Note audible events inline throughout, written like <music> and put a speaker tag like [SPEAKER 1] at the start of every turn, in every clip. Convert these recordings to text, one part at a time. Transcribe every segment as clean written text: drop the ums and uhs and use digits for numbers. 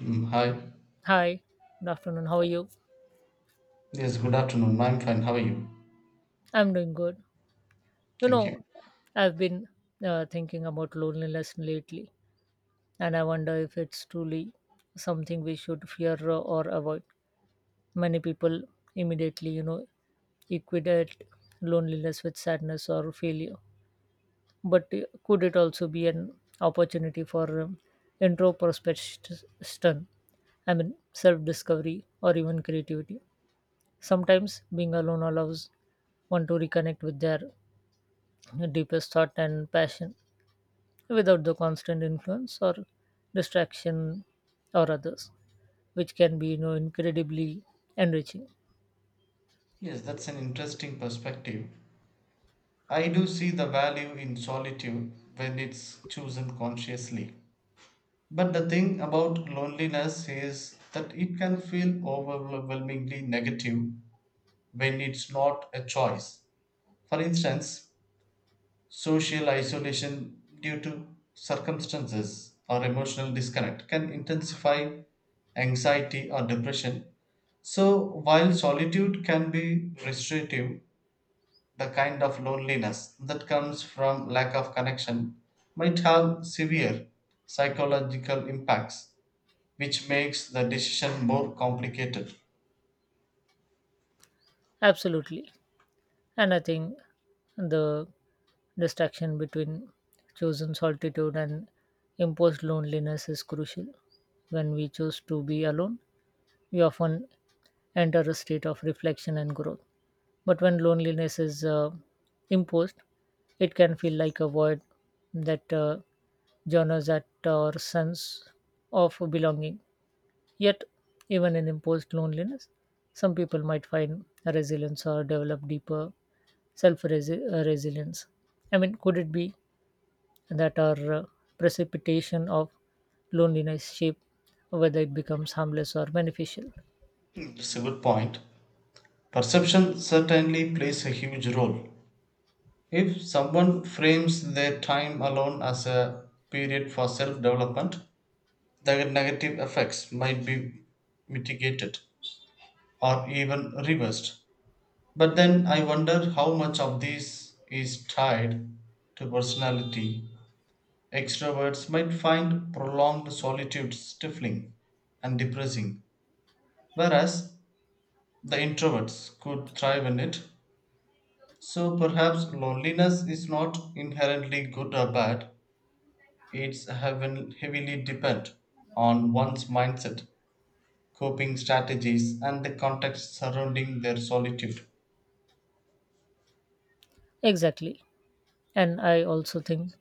[SPEAKER 1] Mm, hi.
[SPEAKER 2] Hi, good afternoon. How are you?
[SPEAKER 1] Yes, good afternoon. I'm fine. How are you?
[SPEAKER 2] I'm doing good. You
[SPEAKER 1] Thank you.
[SPEAKER 2] know, I've been thinking about loneliness lately, and I wonder if it's truly something we should fear or avoid. Many people immediately, equate loneliness with sadness or failure. But could it also be an opportunity for introspection? I mean, self discovery or even creativity? Sometimes being alone allows one to reconnect with their deepest thought and passion without the constant influence or distraction or others, which can be incredibly enriching.
[SPEAKER 1] Yes, that's an interesting perspective. I do see the value in solitude when it's chosen consciously. But the thing about loneliness is that it can feel overwhelmingly negative when it's not a choice. For instance, social isolation due to circumstances or emotional disconnect can intensify anxiety or depression. So, while solitude can be restrictive, the kind of loneliness that comes from lack of connection might have severe psychological impacts, which makes the decision more complicated.
[SPEAKER 2] Absolutely, and I think the distinction between chosen solitude and imposed loneliness is crucial. When we choose to be alone, we often enter a state of reflection and growth. But when loneliness is imposed, it can feel like a void that journals at our sense of belonging. Yet, even in imposed loneliness, some people might find a resilience or develop deeper self resilience. I mean, could it be that our precipitation of loneliness shape whether it becomes harmless or beneficial?
[SPEAKER 1] It's a good point. Perception certainly plays a huge role. If someone frames their time alone as a period for self development, the negative effects might be mitigated or even reversed. But then I wonder how much of this is tied to personality. Extroverts might find prolonged solitude stifling and depressing, whereas the introverts could thrive in it. So perhaps loneliness is not inherently good or bad. It's heavily depend on one's mindset, coping strategies, and the context surrounding their solitude.
[SPEAKER 2] Exactly. And I also think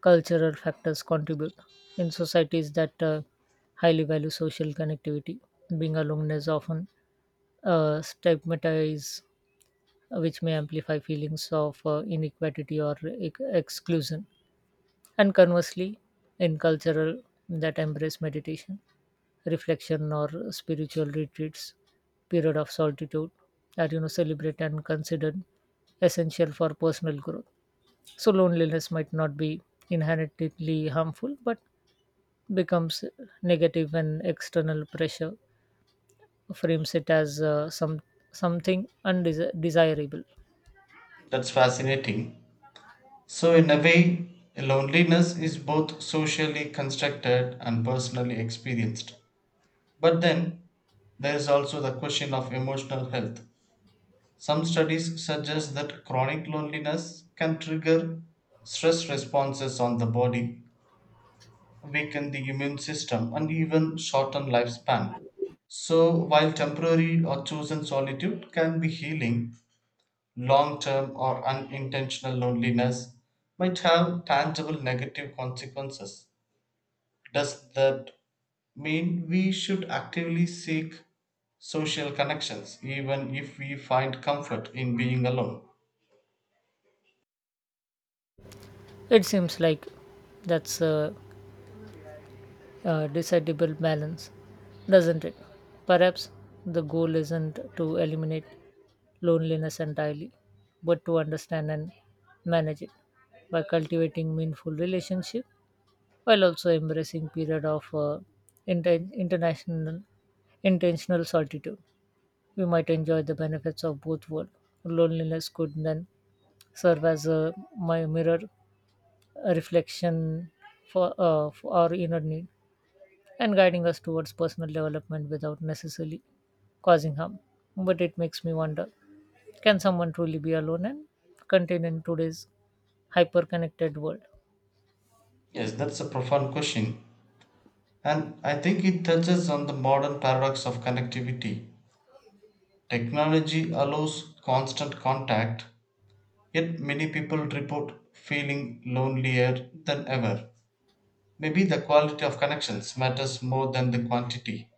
[SPEAKER 2] cultural factors contribute. In societies that highly value social connectivity, being alone is often stigmatized, which may amplify feelings of inequality or exclusion. And conversely, in cultural that embrace meditation, reflection, or spiritual retreats, period of solitude are celebrated and considered essential for personal growth. So loneliness might not be inherently harmful, but becomes negative and external pressure frames it as something undesirable.
[SPEAKER 1] That's fascinating. So, in a way, loneliness is both socially constructed and personally experienced. But then, there is also the question of emotional health. Some studies suggest that chronic loneliness can trigger stress responses on the body, weaken the immune system, and even shorten lifespan. So, while temporary or chosen solitude can be healing, long term or unintentional loneliness might have tangible negative consequences. Does that mean we should actively seek social connections, even if we find comfort in being alone?
[SPEAKER 2] It seems like that's a decidable balance, doesn't it? Perhaps the goal isn't to eliminate loneliness entirely but to understand and manage it by cultivating meaningful relationship while also embracing period of inten- international intentional solitude. We might enjoy the benefits of both worlds. Loneliness could then serve as a my mirror, a reflection for our inner need and guiding us towards personal development without necessarily causing harm. But it makes me wonder, can someone truly be alone and contained in today's hyper connected world?
[SPEAKER 1] Yes, that's a profound question. And I think it touches on the modern paradox of connectivity. Technology allows constant contact, yet many people report feeling lonelier than ever. Maybe the quality of connections matters more than the quantity.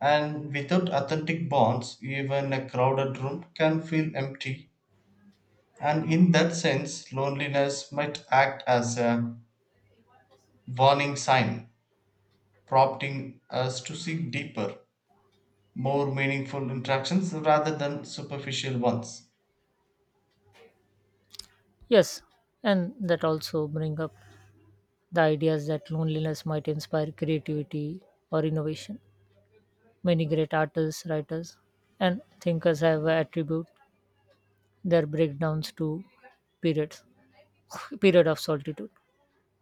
[SPEAKER 1] And without authentic bonds, even a crowded room can feel empty. And in that sense, loneliness might act as a warning sign, prompting us to seek deeper, more meaningful interactions rather than superficial ones.
[SPEAKER 2] Yes, and that also bring up the ideas that loneliness might inspire creativity or innovation. Many great artists, writers, and thinkers have attributed their breakdowns to periods <laughs> period of solitude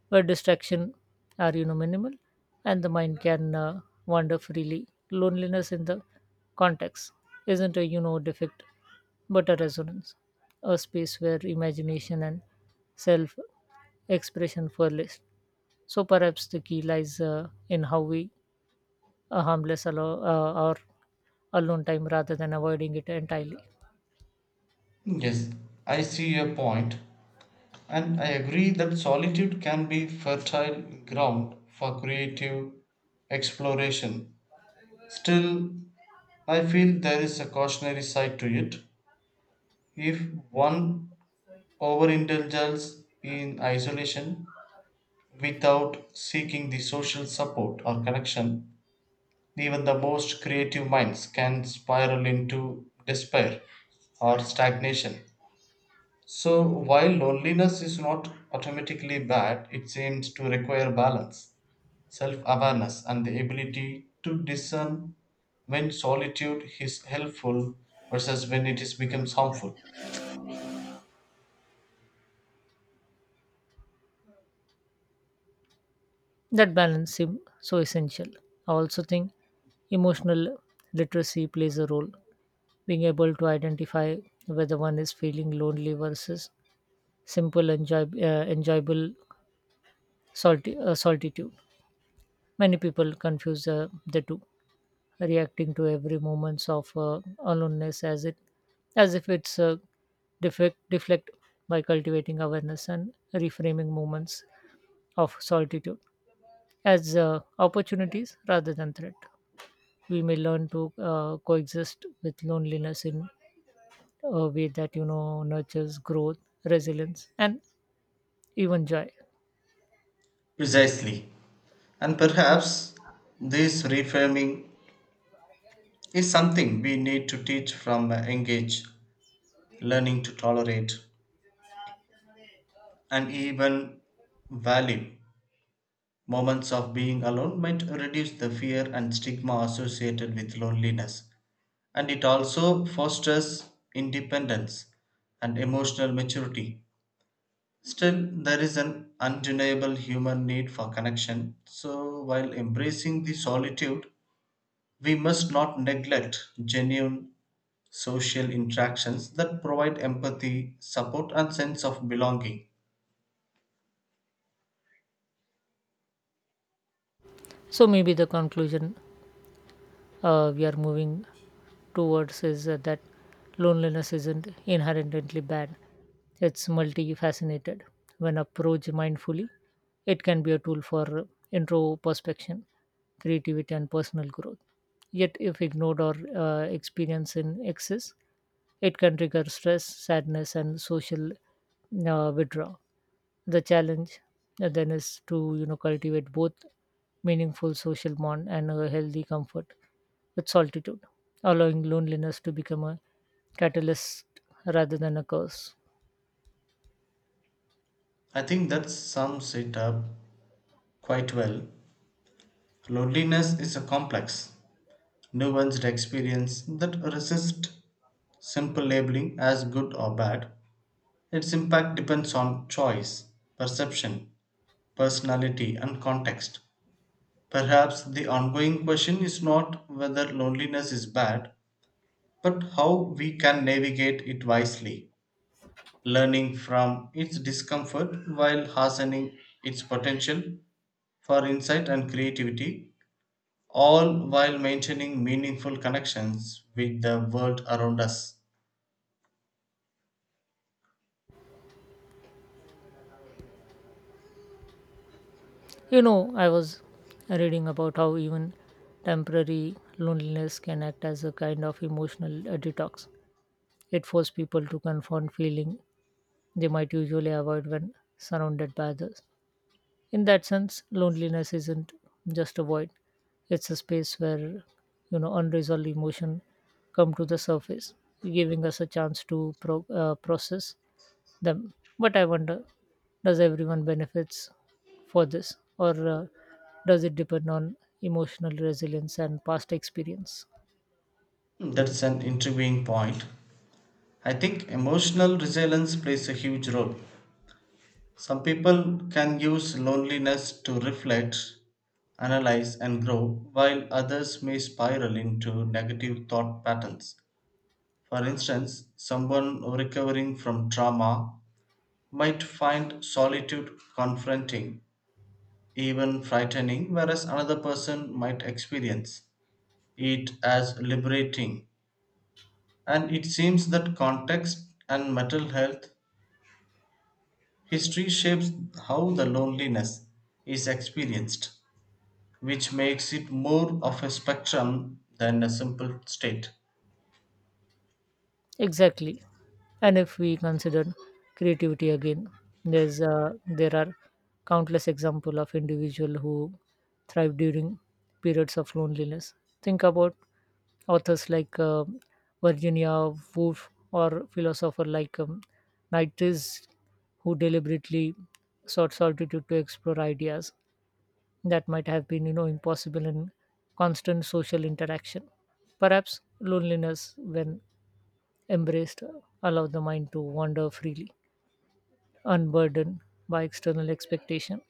[SPEAKER 2] where distraction are minimal and the mind can wander freely. Loneliness in the context isn't a defect but a resonance, a space where imagination and self expression flourish. So perhaps the key lies in how we harmless allow our alone time rather than avoiding it entirely.
[SPEAKER 1] Yes, I see your point. And I agree that solitude can be fertile ground for creative exploration. Still, I feel there is a cautionary side to it. If one overindulges in isolation without seeking the social support or connection, even the most creative minds can spiral into despair or stagnation. So, while loneliness is not automatically bad, it seems to require balance, self awareness, and the ability to discern when solitude is helpful versus when it is becomes harmful.
[SPEAKER 2] That balance seems so essential. I also think emotional literacy plays a role. Being able to identify whether one is feeling lonely versus enjoyable solitude. Many people confuse the two, reacting to every moments of aloneness as if it's defect, deflect. By cultivating awareness and reframing moments of solitude as opportunities rather than threat, we may learn to coexist with loneliness in a way that nurtures growth, resilience, and even joy.
[SPEAKER 1] Precisely. And perhaps this reframing is something we need to teach from a young age, learning to tolerate and even value. Moments of being alone might reduce the fear and stigma associated with loneliness. And it also fosters independence and emotional maturity. Still, there is an undeniable human need for connection. So, while embracing the solitude, we must not neglect genuine social interactions that provide empathy, support, and sense of belonging.
[SPEAKER 2] So maybe the conclusion we are moving towards is that loneliness isn't inherently bad. It's multifaceted. When approached mindfully, it can be a tool for introspection, creativity, and personal growth. Yet, if ignored or experienced in excess, it can trigger stress, sadness, and social withdrawal. The challenge then is to cultivate both meaningful social bond and a healthy comfort with solitude, allowing loneliness to become a catalyst rather than a curse.
[SPEAKER 1] I think that sums it up quite well. Loneliness is a complex, nuanced experience that resists simple labeling as good or bad. Its impact depends on choice, perception, personality, and context. Perhaps the ongoing question is not whether loneliness is bad, but how we can navigate it wisely, learning from its discomfort while hastening its potential for insight and creativity, all while maintaining meaningful connections with the world around us.
[SPEAKER 2] You know, I was reading about how even temporary loneliness can act as a kind of emotional detox. It forces people to confront feeling they might usually avoid when surrounded by others. In that sense, loneliness isn't just a void, it's a space where unresolved emotion come to the surface, giving us a chance to process them. But I wonder, does everyone benefits for this, or does it depend on emotional resilience and past experience?
[SPEAKER 1] That's an intriguing point. I think emotional resilience plays a huge role. Some people can use loneliness to reflect, analyze, and grow, while others may spiral into negative thought patterns. For instance, someone recovering from trauma might find solitude confronting, even frightening, whereas another person might experience it as liberating. And it seems that context and mental health history shapes how the loneliness is experienced, which makes it more of a spectrum than a simple state.
[SPEAKER 2] Exactly. And if we consider creativity again, there are countless examples of individuals who thrive during periods of loneliness. Think about authors like Virginia Woolf or philosopher like Nietzsche, who deliberately sought solitude to explore ideas that might have been, you know, impossible in constant social interaction. Perhaps loneliness, when embraced, allow the mind to wander freely, unburdened by external expectation,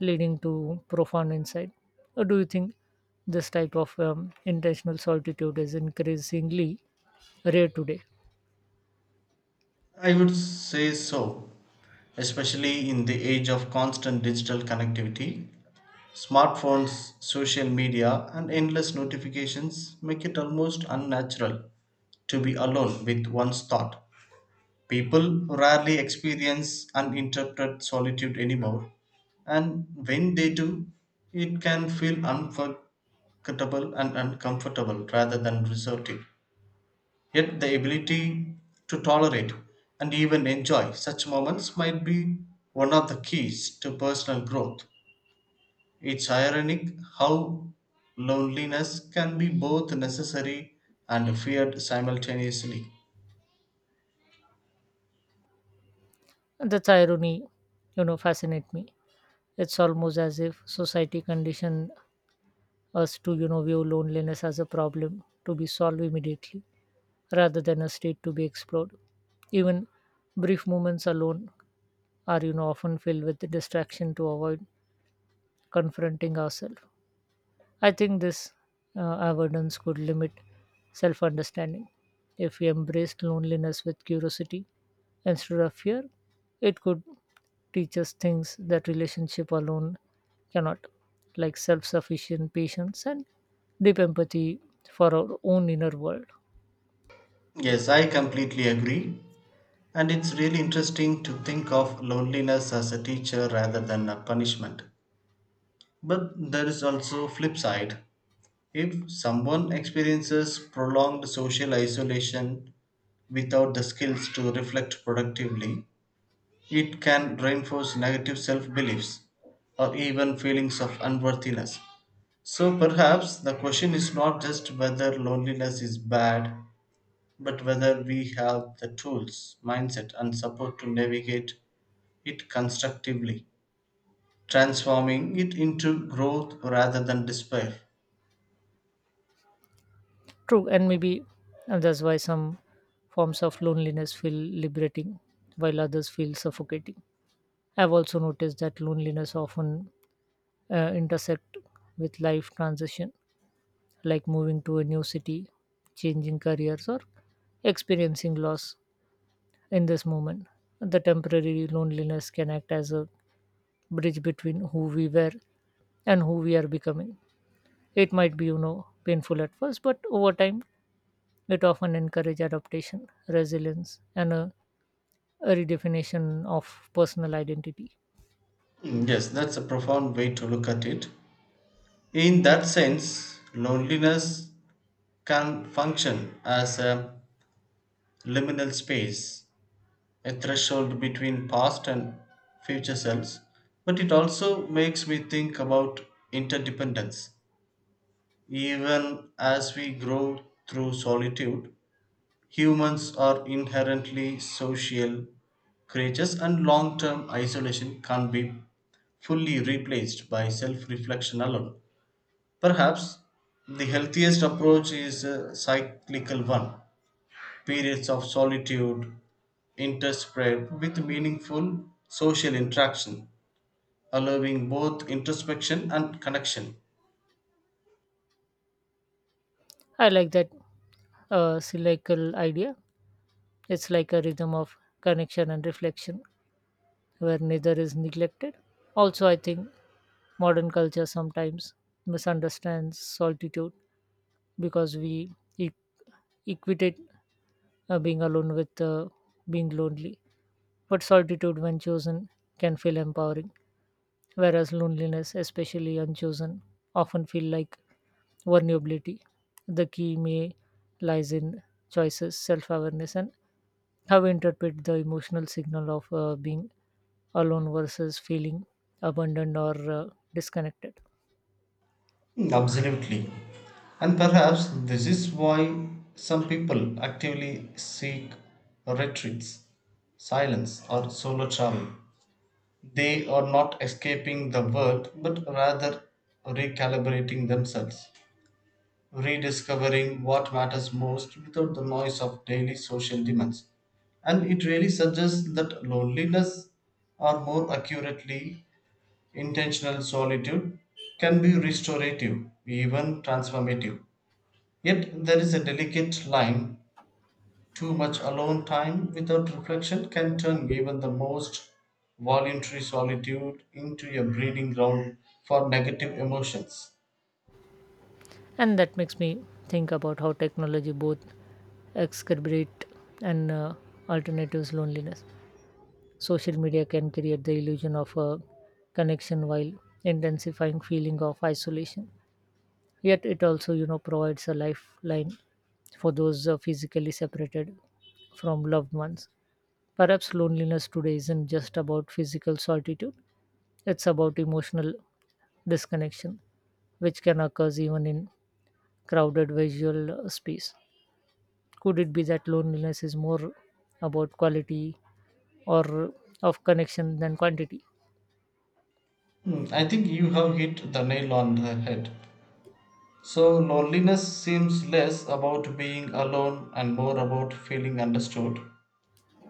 [SPEAKER 2] leading to profound insight. Or do you think this type of intentional solitude is increasingly rare today?
[SPEAKER 1] I would say so, especially in the age of constant digital connectivity. Smartphones, social media, and endless notifications make it almost unnatural to be alone with one's thought. People rarely experience uninterrupted solitude anymore, and when they do, it can feel unforgettable and uncomfortable rather than resorting. Yet the ability to tolerate and even enjoy such moments might be one of the keys to personal growth. It's ironic how loneliness can be both necessary and feared simultaneously.
[SPEAKER 2] That's irony, you know, fascinate me. It's almost as if society conditioned us to, you know, view loneliness as a problem to be solved immediately rather than a state to be explored. Even brief moments alone are, you know, often filled with distraction to avoid confronting ourselves. I think this avoidance could limit self understanding. If we embraced loneliness with curiosity instead of fear, it could teach us things that relationship alone cannot, like self sufficient patience and deep empathy for our own inner world.
[SPEAKER 1] Yes, I completely agree. And it's really interesting to think of loneliness as a teacher rather than a punishment. But there is also flip side. If someone experiences prolonged social isolation without the skills to reflect productively, it can reinforce negative self beliefs or even feelings of unworthiness. So perhaps the question is not just whether loneliness is bad, but whether we have the tools, mindset, and support to navigate it constructively, transforming it into growth rather than despair.
[SPEAKER 2] True, and maybe and that's why some forms of loneliness feel liberating while others feel suffocating. I've also noticed that loneliness often intersect with life transition, like moving to a new city, changing careers, or experiencing loss. In this moment, the temporary loneliness can act as a bridge between who we were and who we are becoming. It might be, you know, painful at first, but over time, it often encourages adaptation, resilience, and a redefinition of personal identity.
[SPEAKER 1] Yes, that's a profound way to look at it. In that sense, loneliness can function as a liminal space, a threshold between past and future selves, but it also makes me think about interdependence. Even as we grow through solitude, humans are inherently social creatures, and long term isolation can't be fully replaced by self reflection alone. Perhaps the healthiest approach is a cyclical one: periods of solitude interspread with meaningful social interaction, allowing both introspection and connection.
[SPEAKER 2] I like that cyclical idea. It's like a rhythm of connection and reflection where neither is neglected. Also, I think modern culture sometimes misunderstands solitude because we e- equate being alone with being lonely. But solitude, when chosen, can feel empowering, whereas loneliness, especially unchosen, often feel like vulnerability. The key may lies in choices, self-awareness, and how we interpret the emotional signal of being alone versus feeling abandoned or disconnected.
[SPEAKER 1] Absolutely. And perhaps this is why some people actively seek retreats, silence, or solo travel. They are not escaping the world but rather recalibrating themselves, rediscovering what matters most without the noise of daily social demands. And it really suggests that loneliness, or more accurately, intentional solitude, can be restorative, even transformative. Yet there is a delicate line. Too much alone time without reflection can turn even the most voluntary solitude into a breeding ground for negative emotions.
[SPEAKER 2] And that makes me think about how technology both exacerbate and alternatives loneliness. Social media can create the illusion of a connection while intensifying feeling of isolation. Yet it also, you know, provides a lifeline for those physically separated from loved ones. Perhaps loneliness today isn't just about physical solitude, it's about emotional disconnection which can occur even in crowded visual space. Could it be that loneliness is more about quality or of connection than quantity?
[SPEAKER 1] I think you have hit the nail on the head. So, loneliness seems less about being alone and more about feeling understood,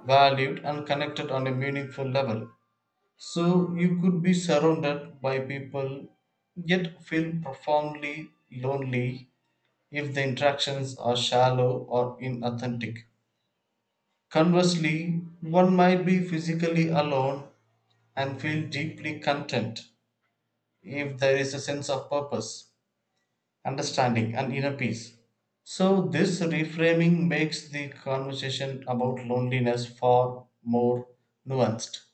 [SPEAKER 1] valued, and connected on a meaningful level. So, you could be surrounded by people yet feel profoundly lonely if the interactions are shallow or inauthentic. Conversely, one might be physically alone and feel deeply content if there is a sense of purpose, understanding and inner peace. So, this reframing makes the conversation about loneliness far more nuanced.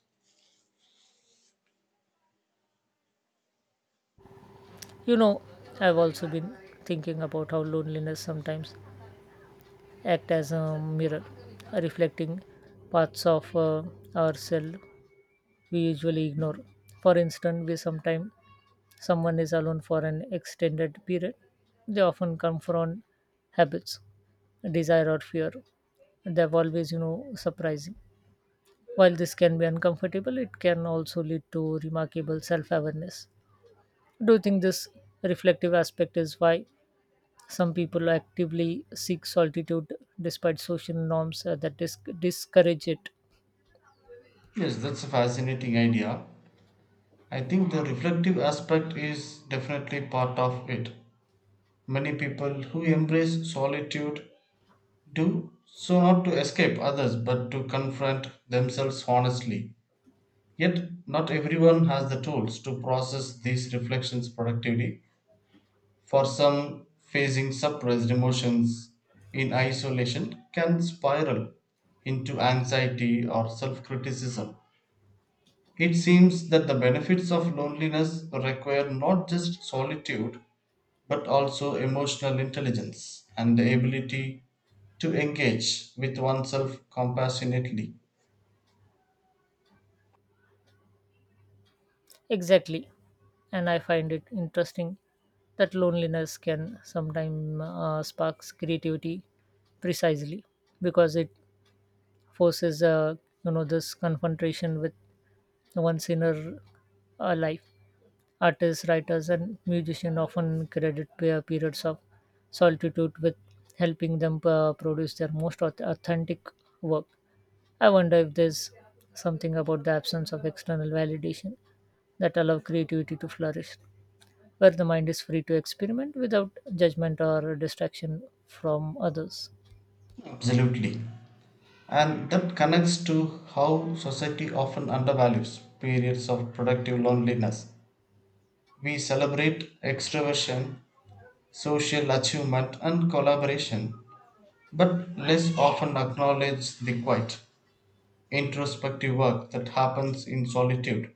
[SPEAKER 2] You know, I've also been thinking about how loneliness sometimes act as a mirror, reflecting parts of ourselves we usually ignore. For instance, we sometimes someone is alone for an extended period, they often come from habits, desire or fear they've always, you know, surprising. While this can be uncomfortable, it can also lead to remarkable self-awareness. Do you think this reflective aspect is why some people actively seek solitude despite social norms that discourage it?
[SPEAKER 1] Yes, that's a fascinating idea. I think the reflective aspect is definitely part of it. Many people who embrace solitude do so not to escape others but to confront themselves honestly. Yet, not everyone has the tools to process these reflections productively. For some, facing suppressed emotions in isolation can spiral into anxiety or self criticism. It seems that the benefits of loneliness require not just solitude but also emotional intelligence and the ability to engage with oneself compassionately.
[SPEAKER 2] Exactly, and I find it interesting that loneliness can sometimes sparks creativity precisely because it forces you know this confrontation with one's inner life. Artists, writers, and musicians often credit periods of solitude with helping them produce their most authentic work. I wonder if there's something about the absence of external validation that allow creativity to flourish, where the mind is free to experiment without judgment or distraction from others.
[SPEAKER 1] Absolutely. And that connects to how society often undervalues periods of productive loneliness. We celebrate extraversion, social achievement, and collaboration, but less often acknowledge the quiet, introspective work that happens in solitude.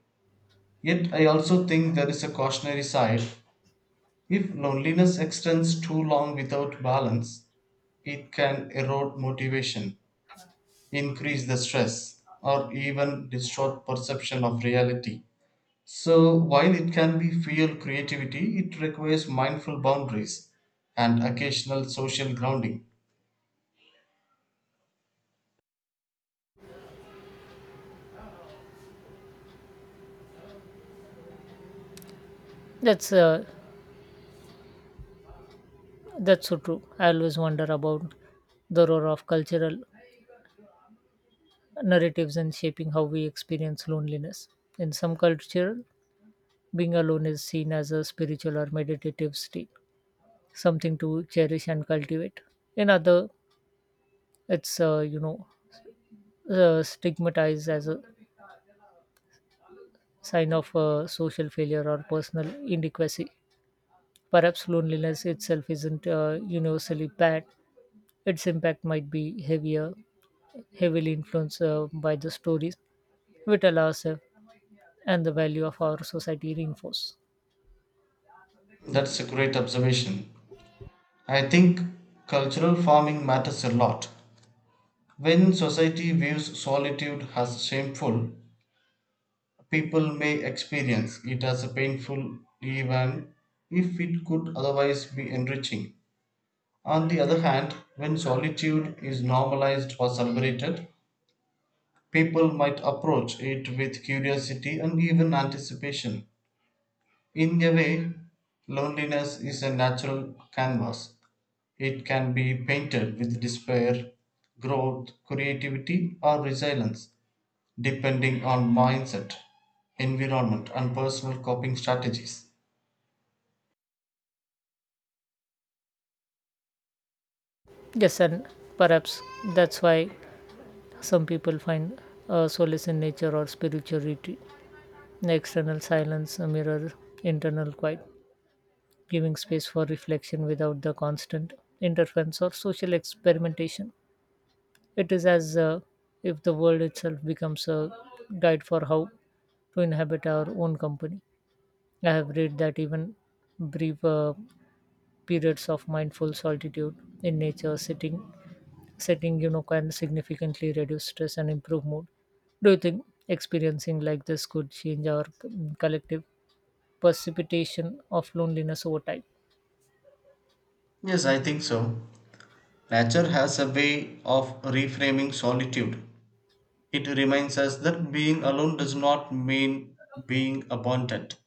[SPEAKER 1] Yet, I also think there is a cautionary side. If loneliness extends too long without balance, it can erode motivation, increase the stress, or even distort perception of reality. So, while it can be fuel creativity, it requires mindful boundaries and occasional social grounding.
[SPEAKER 2] That's uh, That's so true. I always wonder about the role of cultural narratives in shaping how we experience loneliness. In some culture, being alone is seen as a spiritual or meditative state, something to cherish and cultivate. In other, it's stigmatized as a sign of social failure or personal inadequacy. Perhaps loneliness itself isn't universally bad. Its impact might be heavily influenced by the stories we tell ourselves and the value of our society reinforce.
[SPEAKER 1] That's a great observation. I think cultural farming matters a lot. When society views solitude as shameful, people may experience it as a painful even if it could otherwise be enriching. On the other hand, when solitude is normalized or celebrated, people might approach it with curiosity and even anticipation. In a way, loneliness is a natural canvas. It can be painted with despair, growth, creativity, or resilience, depending on mindset, environment, and personal coping strategies.
[SPEAKER 2] Yes, and perhaps that's why some people find solace in nature or spiritual retreat. The external silence mirrors internal quiet, giving space for reflection without the constant interference or social experimentation. It is as if the world itself becomes a guide for how to inhabit our own company. I have read that even brief periods of mindful solitude in nature sitting setting, you know, can significantly reduce stress and improve mood. Do you think experiencing like this could change our collective precipitation of loneliness over time?
[SPEAKER 1] Yes, I think so. Nature has a way of reframing solitude. It reminds us that being alone does not mean being abandoned.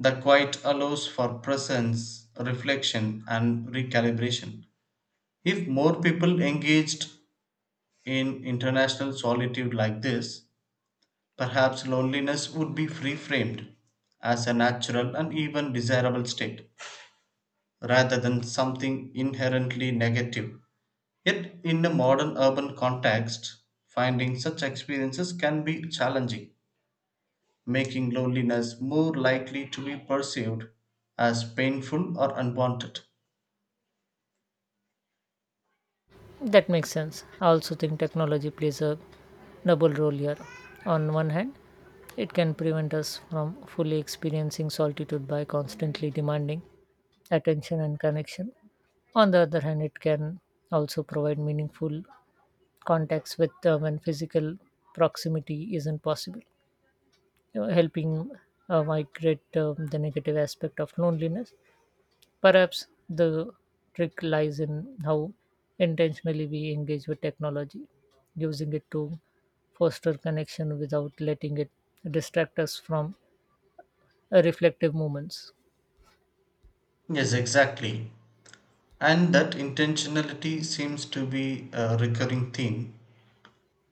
[SPEAKER 1] The quiet allows for presence, reflection, and recalibration. If more people engaged in international solitude like this, perhaps loneliness would be reframed as a natural and even desirable state, rather than something inherently negative. Yet, in a modern urban context, finding such experiences can be challenging, making loneliness more likely to be perceived as painful or unwanted.
[SPEAKER 2] That makes sense. I also think technology plays a double role here. On one hand, it can prevent us from fully experiencing solitude by constantly demanding attention and connection. On the other hand, it can also provide meaningful contacts with when physical proximity isn't possible, you know, helping migrate the negative aspect of loneliness. Perhaps the trick lies in how intentionally we engage with technology, using it to foster connection without letting it distract us from reflective moments.
[SPEAKER 1] Yes, exactly. And that intentionality seems to be a recurring theme,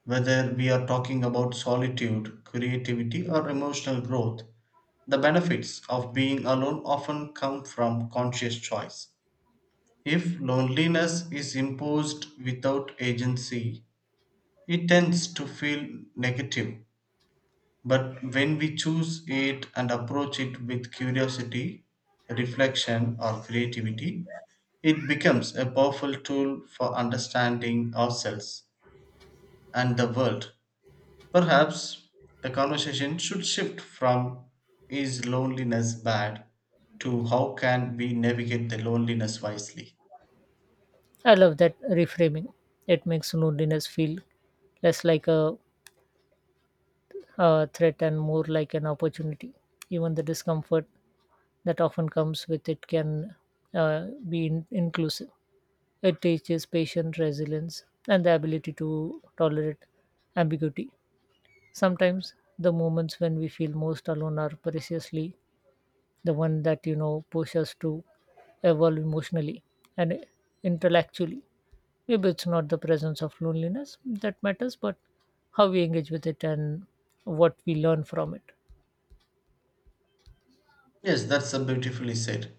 [SPEAKER 1] whether we are talking about solitude, creativity, or emotional growth. The benefits of being alone often come from conscious choice. If loneliness is imposed without agency, it tends to feel negative. But when we choose it and approach it with curiosity, reflection, or creativity, it becomes a powerful tool for understanding ourselves and the world. Perhaps the conversation should shift from is loneliness bad to how can we navigate the loneliness wisely.
[SPEAKER 2] I love that reframing. It makes loneliness feel less like a threat and more like an opportunity. Even the discomfort that often comes with it can be inclusive. It teaches patient resilience and the ability to tolerate ambiguity. Sometimes the moments when we feel most alone are preciously the one that, you know, push us to evolve emotionally and intellectually. Maybe it's not the presence of loneliness that matters, but how we engage with it and what we learn from it.
[SPEAKER 1] Yes, that's a beautifully said.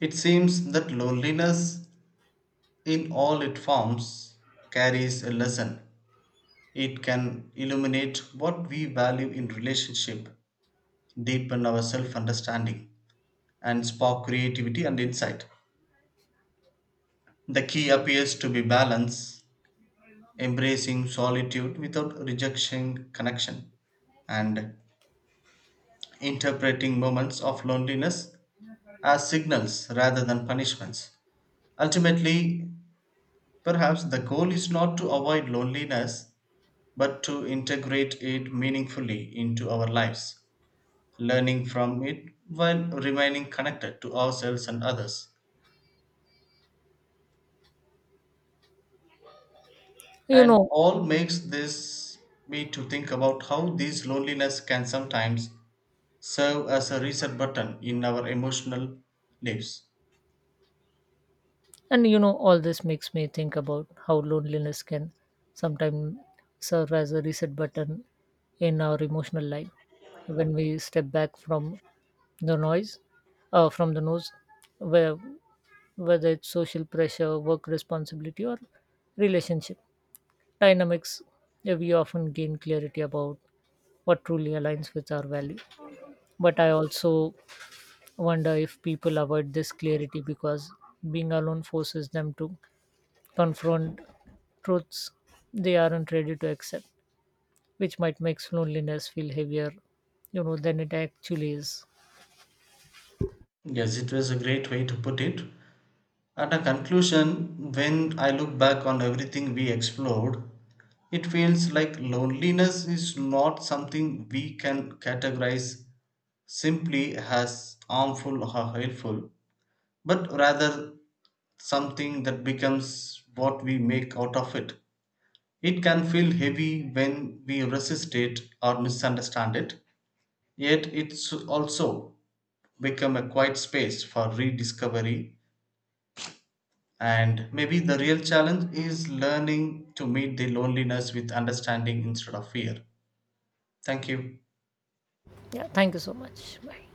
[SPEAKER 1] It seems that loneliness, in all its forms, carries a lesson. It can illuminate what we value in relationship, deepen our self understanding, and spark creativity and insight. The key appears to be balance, embracing solitude without rejecting connection, and interpreting moments of loneliness as signals rather than punishments. Ultimately, perhaps the goal is not to avoid loneliness, but to integrate it meaningfully into our lives, learning from it while remaining connected to ourselves and others.
[SPEAKER 2] you
[SPEAKER 1] And
[SPEAKER 2] know
[SPEAKER 1] all makes this me to think about how these loneliness can sometimes serve as a reset button in our emotional lives.
[SPEAKER 2] you know, all this makes me think about how loneliness can sometimes serve as a reset button in our emotional life. When we step back from the noise from the noise, where whether it's social pressure, work responsibility or relationship dynamics, we often gain clarity about what truly aligns with our value. But I also wonder if people avoid this clarity because being alone forces them to confront truths they aren't ready to accept, which might make loneliness feel heavier, you know, than it actually is.
[SPEAKER 1] Yes, it was a great way to put it. At a conclusion, when I look back on everything we explored, it feels like loneliness is not something we can categorize simply as harmful or helpful but rather something that becomes what we make out of it. It can feel heavy when we resist it or misunderstand it, yet it's also become a quiet space for rediscovery. And maybe the real challenge is learning to meet the loneliness with understanding instead of fear. Thank you.
[SPEAKER 2] Yeah, thank you so much. Bye.